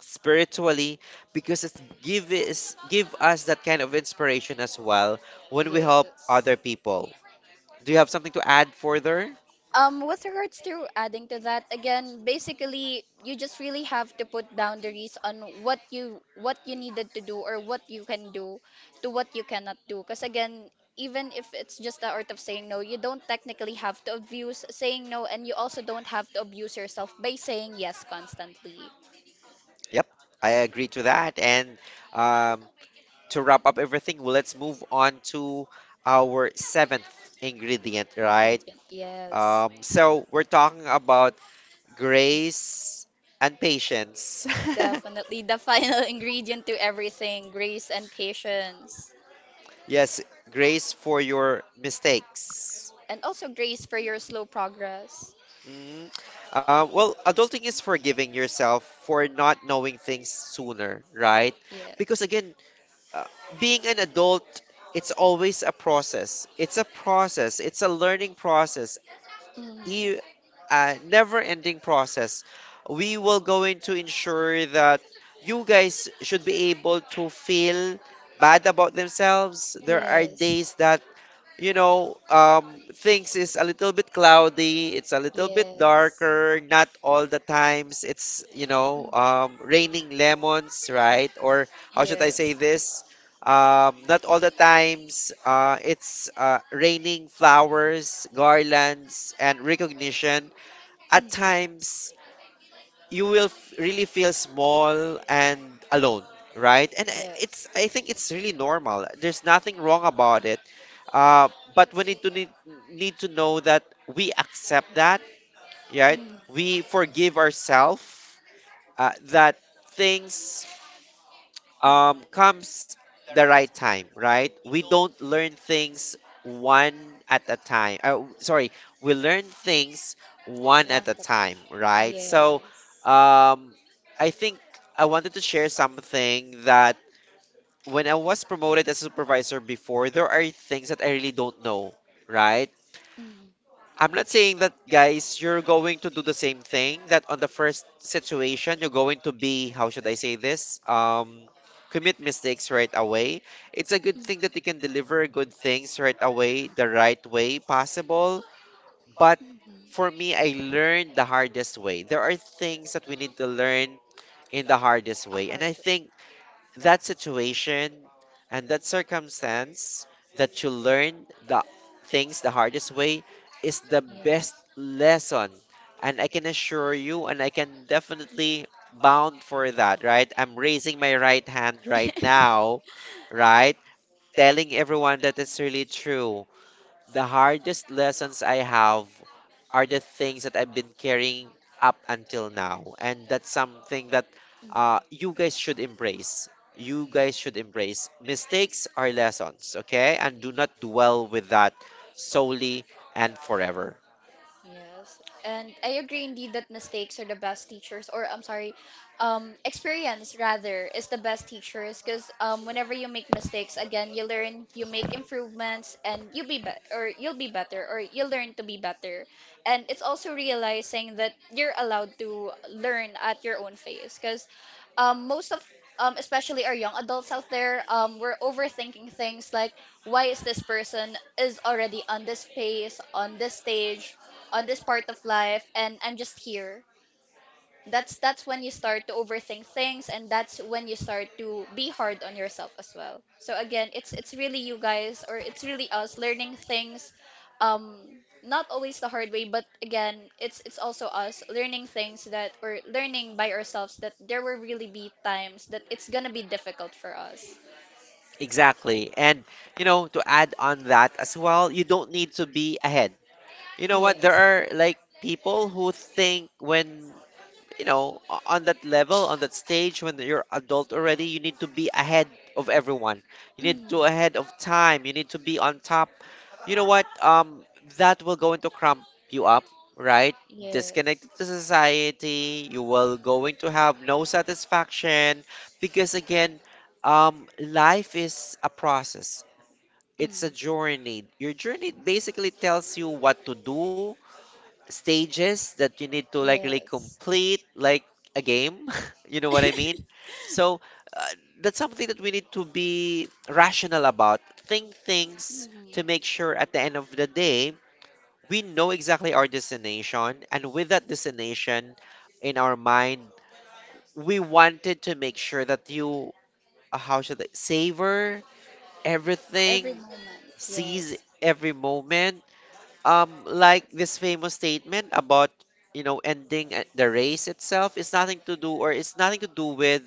spiritually, because it's give is give us that kind of inspiration as well when we help other people. Do you have something to add further? With regards to adding to that, again, basically, you just really have to put boundaries on what you needed to do or what you can do to what you cannot do. Because again, even if it's just the art of saying no, you don't technically have to abuse saying no, and you also don't have to abuse yourself by saying yes constantly. Yep, I agree to that. And um, to wrap up everything, well, let's move on to our seventh ingredient, right? Ingredient, yes, So we're talking about grace and patience. definitely the final ingredient to everything: grace and patience. Yes, grace for your mistakes. And also, Grace, for your slow progress. Mm. Well, adulting is forgiving yourself for not knowing things sooner, right? Yeah. Because again, uh, being an adult, it's always a process. It's a process. It's a learning process, Mm. e- Mm. a never-ending process. We will going to ensure that you guys should be able to feel bad about themselves. There are days that, things is a little bit cloudy, it's a little bit darker, not all the times it's, raining lemons, right? Or how should Yeah. I say this? Not all the times it's raining flowers, garlands, and recognition. Mm. At times, you will really feel small and alone, right? And I- Yeah. it's I think it's really normal. There's nothing wrong about it. Uh, but we need to know that we accept that, right? Mm. We forgive ourselves that things Mm. Comes the right time, right? We don't learn things one at a time. Sorry, we learn things one at One a at a time, time. right? So, Yes. um, I think I wanted to share something that when I was promoted as a supervisor before, there are things that I really don't know, right? Mm. I'm not saying that, guys, you're going to do the same thing, that on the first situation, you're going to be, how should I say this? Commit mistakes right away. It's a good thing that you can deliver good things right away, the right way possible. But Mm. for me, I learned the hardest way. There are things that we need to learn in the hardest way. And I think that situation and that circumstance that you learn the things the hardest way is the best lesson. And I can assure you, and I can definitely bound for that, right? I'm raising my right hand right Mhm. now, right, telling everyone that it's really true. The hardest lessons I have are the things that I've been carrying up until now. And that's something that you guys should embrace. You guys should embrace. Mistakes are lessons, okay? And do not dwell with that solely and forever. Yes, and I agree indeed that mistakes are the best teachers, or I'm sorry, experience rather is the best teachers because whenever you make mistakes, again, you learn, you make improvements, and you'll be better, or you'll be better, or you learn to be better. And it's also realizing that you're allowed to learn at your own pace because most of especially our young adults out there, we're overthinking things like why is this person is already on this pace, on this stage, on this part of life, and I'm just here. That's when you start to overthink things, and that's when you start to be hard on yourself as well. So again, it's really you guys, or it's really us learning things um not always the hard way, but again, it's also us learning things that, or learning by ourselves, that there will really be times that it's gonna be difficult for us. Exactly. And, to add on that as well, you don't need to be ahead. You know what? There are like people who think when on that level, on that stage when you're adult already, you need to be ahead of everyone. You need to ahead of time. You need to be on top. You know what? That will going to cramp you up, right? Yes. Disconnected to society. You will going to have no satisfaction because again, life is a process. Mm. It's a journey. Your journey basically tells you what to do, stages that you need to like really Yes. complete, like a game. You know what I mean? So, uh, that's something that we need to be rational about, think things to Mhm. make sure at the end of the day we know exactly our destination. And with that destination in our mind, we wanted to make sure that you, how should I savor everything, Every moment. seize Yes. every moment, like this famous statement about, ending at the race itself is nothing to do, or it's nothing to do with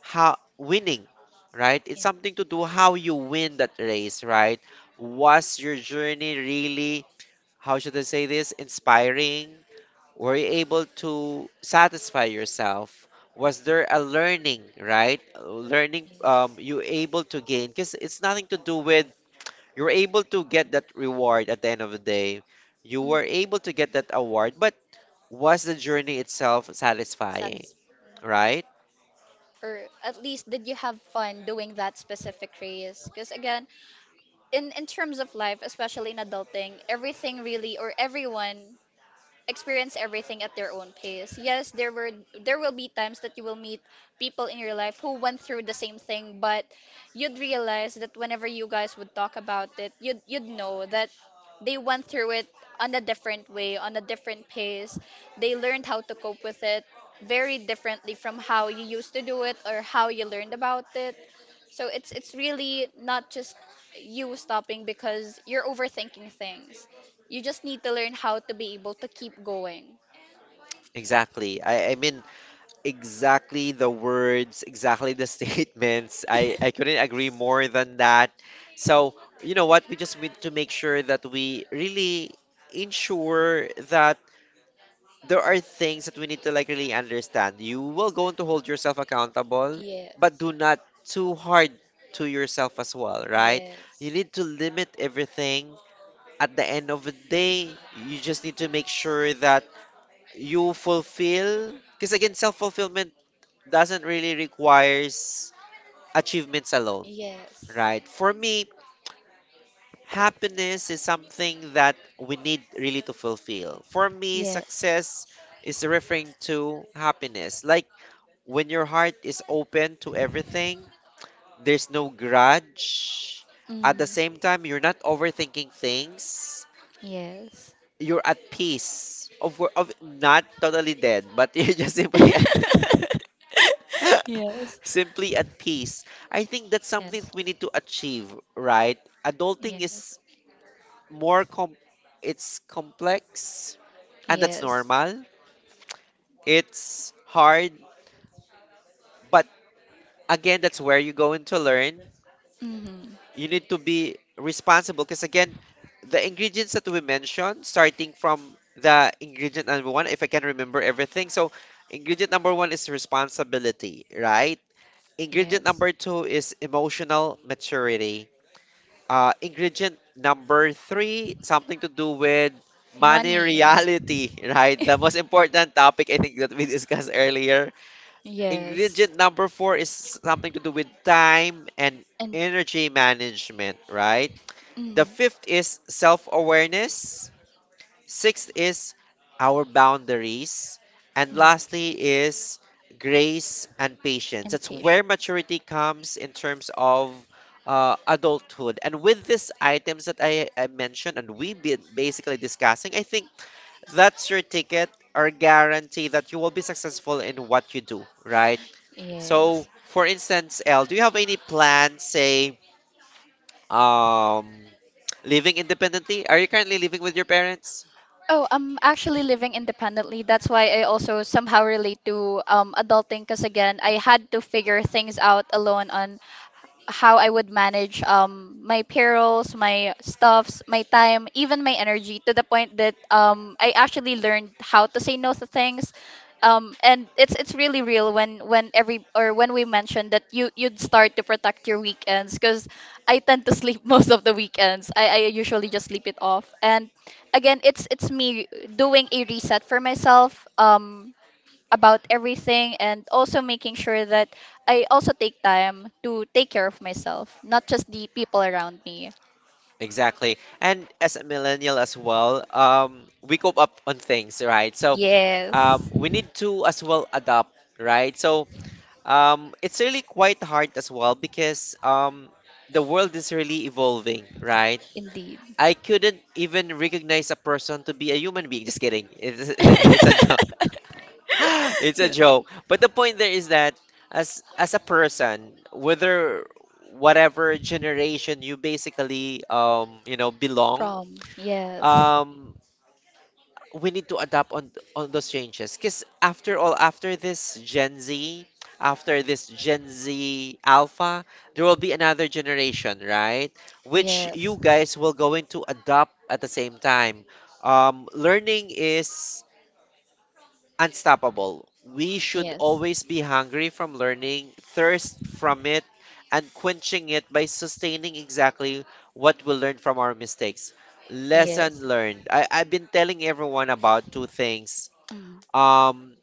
how winning, right? It's something to do how you win that race, right? Was your journey really, how should I say this, inspiring? Were you able to satisfy yourself? Was there a learning, right? Learning, you able to gain? Because it's nothing to do with you were able to get that reward at the end of the day. You Mm. were able to get that award, but was the journey itself satisfying? That's. Right? Or at least did you have fun doing that specific race? Because again, in terms of life, especially in adulting, everything really, or everyone experience everything at their own pace. Yes, there were, there will be times that you will meet people in your life who went through the same thing, but you'd realize that whenever you guys would talk about it, you'd you'd know that they went through it on a different way, on a different pace. They learned how to cope with it very differently from how you used to do it or how you learned about it. So it's really not just you stopping because you're overthinking things. You just need to learn how to be able to keep going. Exactly. I mean, exactly the words, exactly the statements. I couldn't agree more than that. So, you know what? We just need to make sure that we really ensure that there are things that we need to like really understand. You will going to hold yourself accountable, Yes. but do not too hard to yourself as well, right? You Yes. need to limit everything. At the end of the day, you just need to make sure that you fulfill because again, self-fulfillment doesn't really requires achievements alone, Yes. right? For me, happiness is something that we need really to fulfill. For me, success is referring to happiness. Like when your heart is open to everything, there's no grudge. At Mm. the same time, you're not overthinking things. Yes. You're at peace. Of not totally dead, but you're just simply Yes. simply at peace. I think that's something Yes. that we need to achieve, right? Adulting Yes. is more com it's complex, and that's normal. It's hard, but again, that's where you go into learn. Hmm. You need to be responsible because again, the ingredients that we mentioned, starting from the ingredient number one, if I can remember everything. So, ingredient number one is responsibility, right? Ingredient number two is emotional maturity. Ingredient number three, something to do with money Money. reality, right? The most important topic I think that we discussed earlier. Yes. Ingredient number four is something to do with time and And energy management, right? The mm, fifth is self awareness. Sixth is our boundaries. And lastly is grace and patience. That's where maturity comes in terms of adulthood. And with these items that I mentioned and we've been basically discussing, I think that's your ticket or guarantee that you will be successful in what you do, right? yes. So, for instance, L, do you have any plans, say, um, living independently? Are you currently living with your parents? Oh, I'm actually living independently. That's why I also somehow relate to adulting because again, I had to figure things out alone on how I would manage my perils, my stuffs, my time, even my energy, to the point that I actually learned how to say no to things. And it's really real when every or when we mentioned that you'd start to protect your weekends because I tend to sleep most of the weekends. I usually just sleep it off. And again, it's me doing a reset for myself. About everything, and also making sure that I also take time to take care of myself, not just the people around me. Exactly. And as a millennial as well, we cope up on things, right? So, Yes, we need to as well adapt, right? So, it's really quite hard as well because the world is really evolving, right? indeed. I couldn't even recognize a person to be a human being. Just kidding. It's, it's a joke. It's a Yeah. joke. But the point there is that as a person, whether whatever generation you basically belong, From yes, um we need to adapt on those changes because after all, after this Gen Z Alpha, there will be another generation, right, which you guys will going to adopt. At the same time, learning is unstoppable. We should yes, always be hungry from learning, thirst from it, and quenching it by sustaining exactly what we learned from our mistakes. Lesson learned. I've been telling everyone about two things. mm, Um,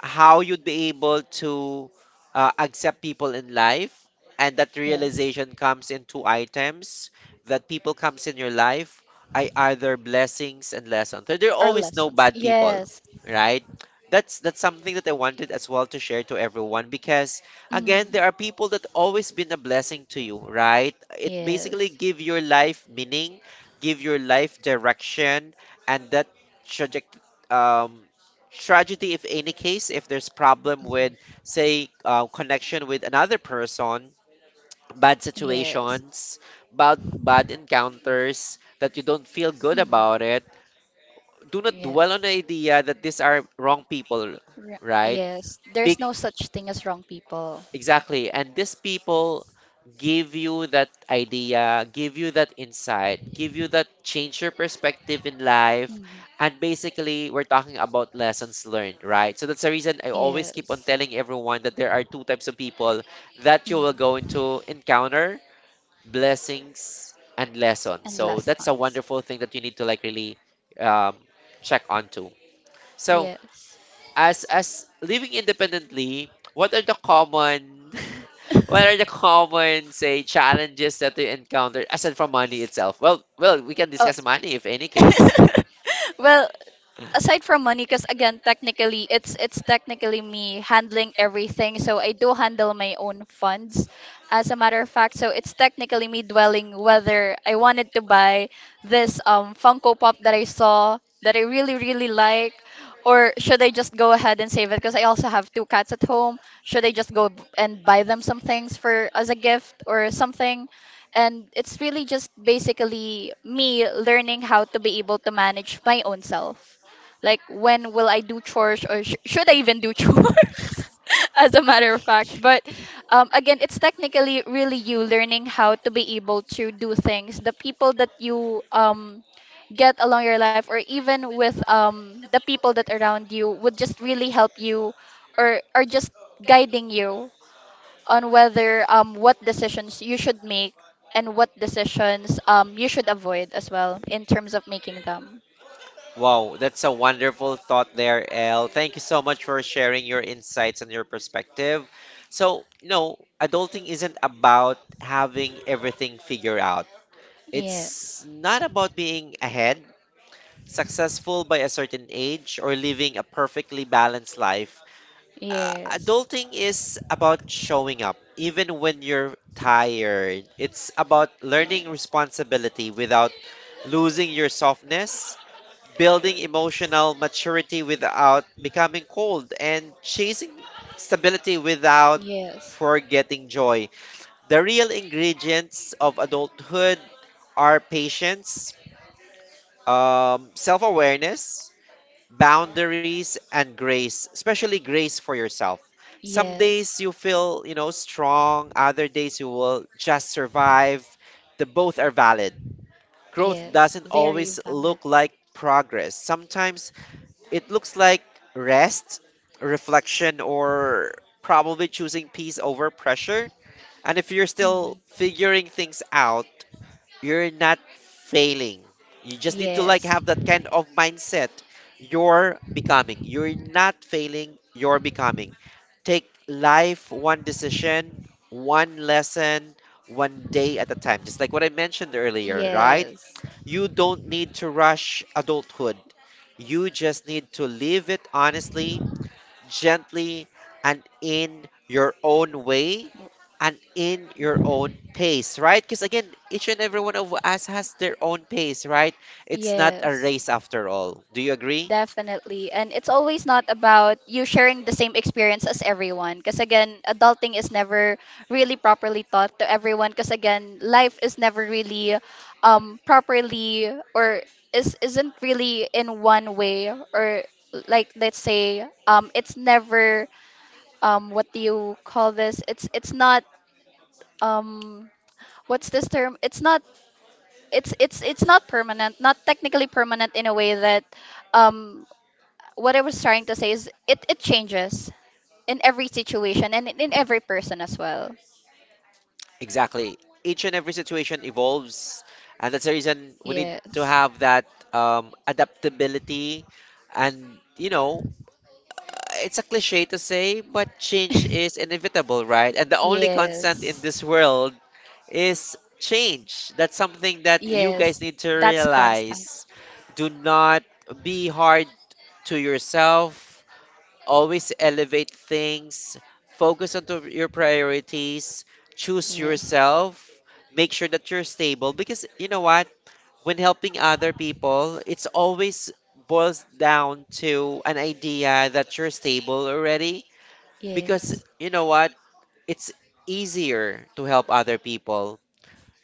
how you'd be able to accept people in life, and that realization comes in two items that people comes in your life, I either blessings and lessons. There are always no bad people, yes, right? That's something that I wanted as well to share to everyone, because mm, again there are people that always been a blessing to you, right? It yeah, basically give your life meaning, give your life direction, and that trajectory, um, tragedy, if any case, if there's problem with, say, connection with another person, bad yeah, situations, bad encounters that you don't feel good about it. Do not dwell on the idea that these are wrong people, ra- right? yes. There's Be no such thing as wrong people. Exactly. And these people give you that idea, give you that insight, give you that change your perspective in life. Mm, And basically, we're talking about lessons learned, right? So that's the reason I always keep on s- telling everyone that there are two types of people that you will go into encounter, blessings and lessons. and So last, that's a wonderful thing that you need to like really um, check onto. So, yes. as living independently, what are the common what are the common say challenges that you encounter aside from money itself? Well, we can Oh. discuss money if any case. Well, aside from money, because again technically it's technically me handling everything, so I do handle my own funds as a matter of fact. So it's technically me dwelling whether I wanted to buy this funko pop that I saw, that I really really like, or should I just go ahead and save it because I also have two cats at home? Should I just go b- and buy them some things for as a gift or something? And it's really just basically me learning how to be able to manage my own self, like, when will I do chores, or sh should I even do chores? As a matter of fact. But again, it's technically really you learning how to be able to do things. The people that you get along your life, or even with the people that around you, would just really help you, or are just guiding you on whether what decisions you should make and what decisions you should avoid as well in terms of making them. Wow, that's a wonderful thought there, El. Thank you so much for sharing your insights and your perspective. So, you know, adulting isn't about having everything figured out. Yes. It's not about being ahead, successful by a certain age, or living a perfectly balanced life. Yes. Adulting is about showing up even when you're tired. It's about learning responsibility without losing your softness, building emotional maturity without becoming cold, and chasing stability without Yes, forgetting joy. The real ingredients of adulthood are patience, self awareness, boundaries and grace, especially grace for yourself. Some yes, days you feel, strong, other days you will just survive. The both are valid. Growth yes. doesn't Very always bad. look like progress. Sometimes it looks like rest, reflection, or probably choosing peace over pressure. And if you're still figuring things out, you're not failing. You just need to like Yes, have that kind of mindset. You're becoming. You're not failing, you're becoming. Take life one decision, one lesson, one day at a time. Just like what I mentioned earlier, right? yes, You don't need to rush adulthood. You just need to live it honestly, gently, and in your own way and in your own pace, right? Because again, each and every one of us has their own pace, right? It's not yeah, a race after all. Do you agree? definitely. And it's always not about you sharing the same experience as everyone. Because again, adulting is never really properly taught to everyone. Because again, life is never really properly, or is isn't really in one way, or like let's say it's never what do you call this? It's not um what's this term? It's not, it's it's not permanent, not technically permanent in a way that um what I was trying to say is it it changes in every situation and in every person as well. Exactly. Each and every situation evolves, and that's the reason we need to Yes. have that adaptability, and, uh, it's a cliche to say, but change is inevitable, right? And the only constant in Yes. this world is change. That's something that you guys Yes. need to That's constant. realize. Do not be hard to yourself. Always elevate things. Focus on to your priorities. Choose yourself. Make sure that you're stable because you know what? When helping other people, it's always boils down to an idea that you're stable already Yeah. because you know what? It's easier to help other people,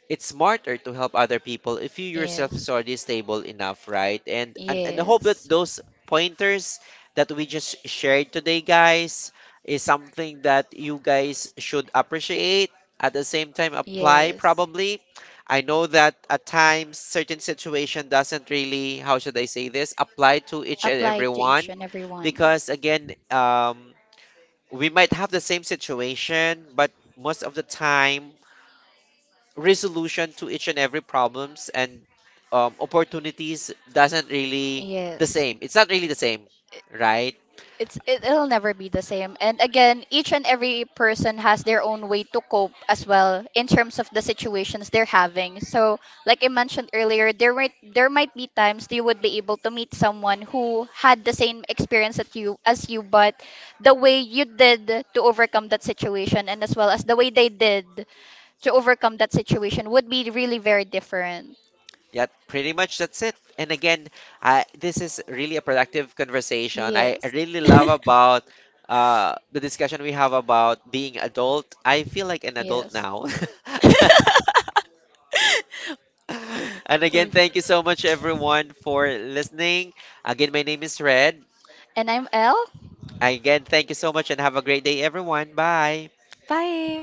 it's smarter to help other people if you yourself is already stable enough, right? And I hope Yes. that those pointers that we just shared today, guys, is something that you guys should appreciate. At the same time, apply probably. I know that at times certain situation doesn't really, how should I say this, apply to each and Apply to each everyone and every one. because again, we might have the same situation, but most of the time resolution to each and every problems and opportunities doesn't really Yeah. the same. It's not really the same, right? It it'll never be the same, and again each and every person has their own way to cope as well in terms of the situations they're having. So like I mentioned earlier, there might be times that you would be able to meet someone who had the same experience that you as you, but the way you did to overcome that situation, and as well as the way they did to overcome that situation, would be really very different. Yeah, pretty much that's it. And again, this is really a productive conversation. I really love about the discussion we have about being adult. I feel like an adult now. And again, thank you so much, everyone, for listening. Again, my name is Red. And I'm L. Again, thank you so much and have a great day, everyone. Bye. Bye.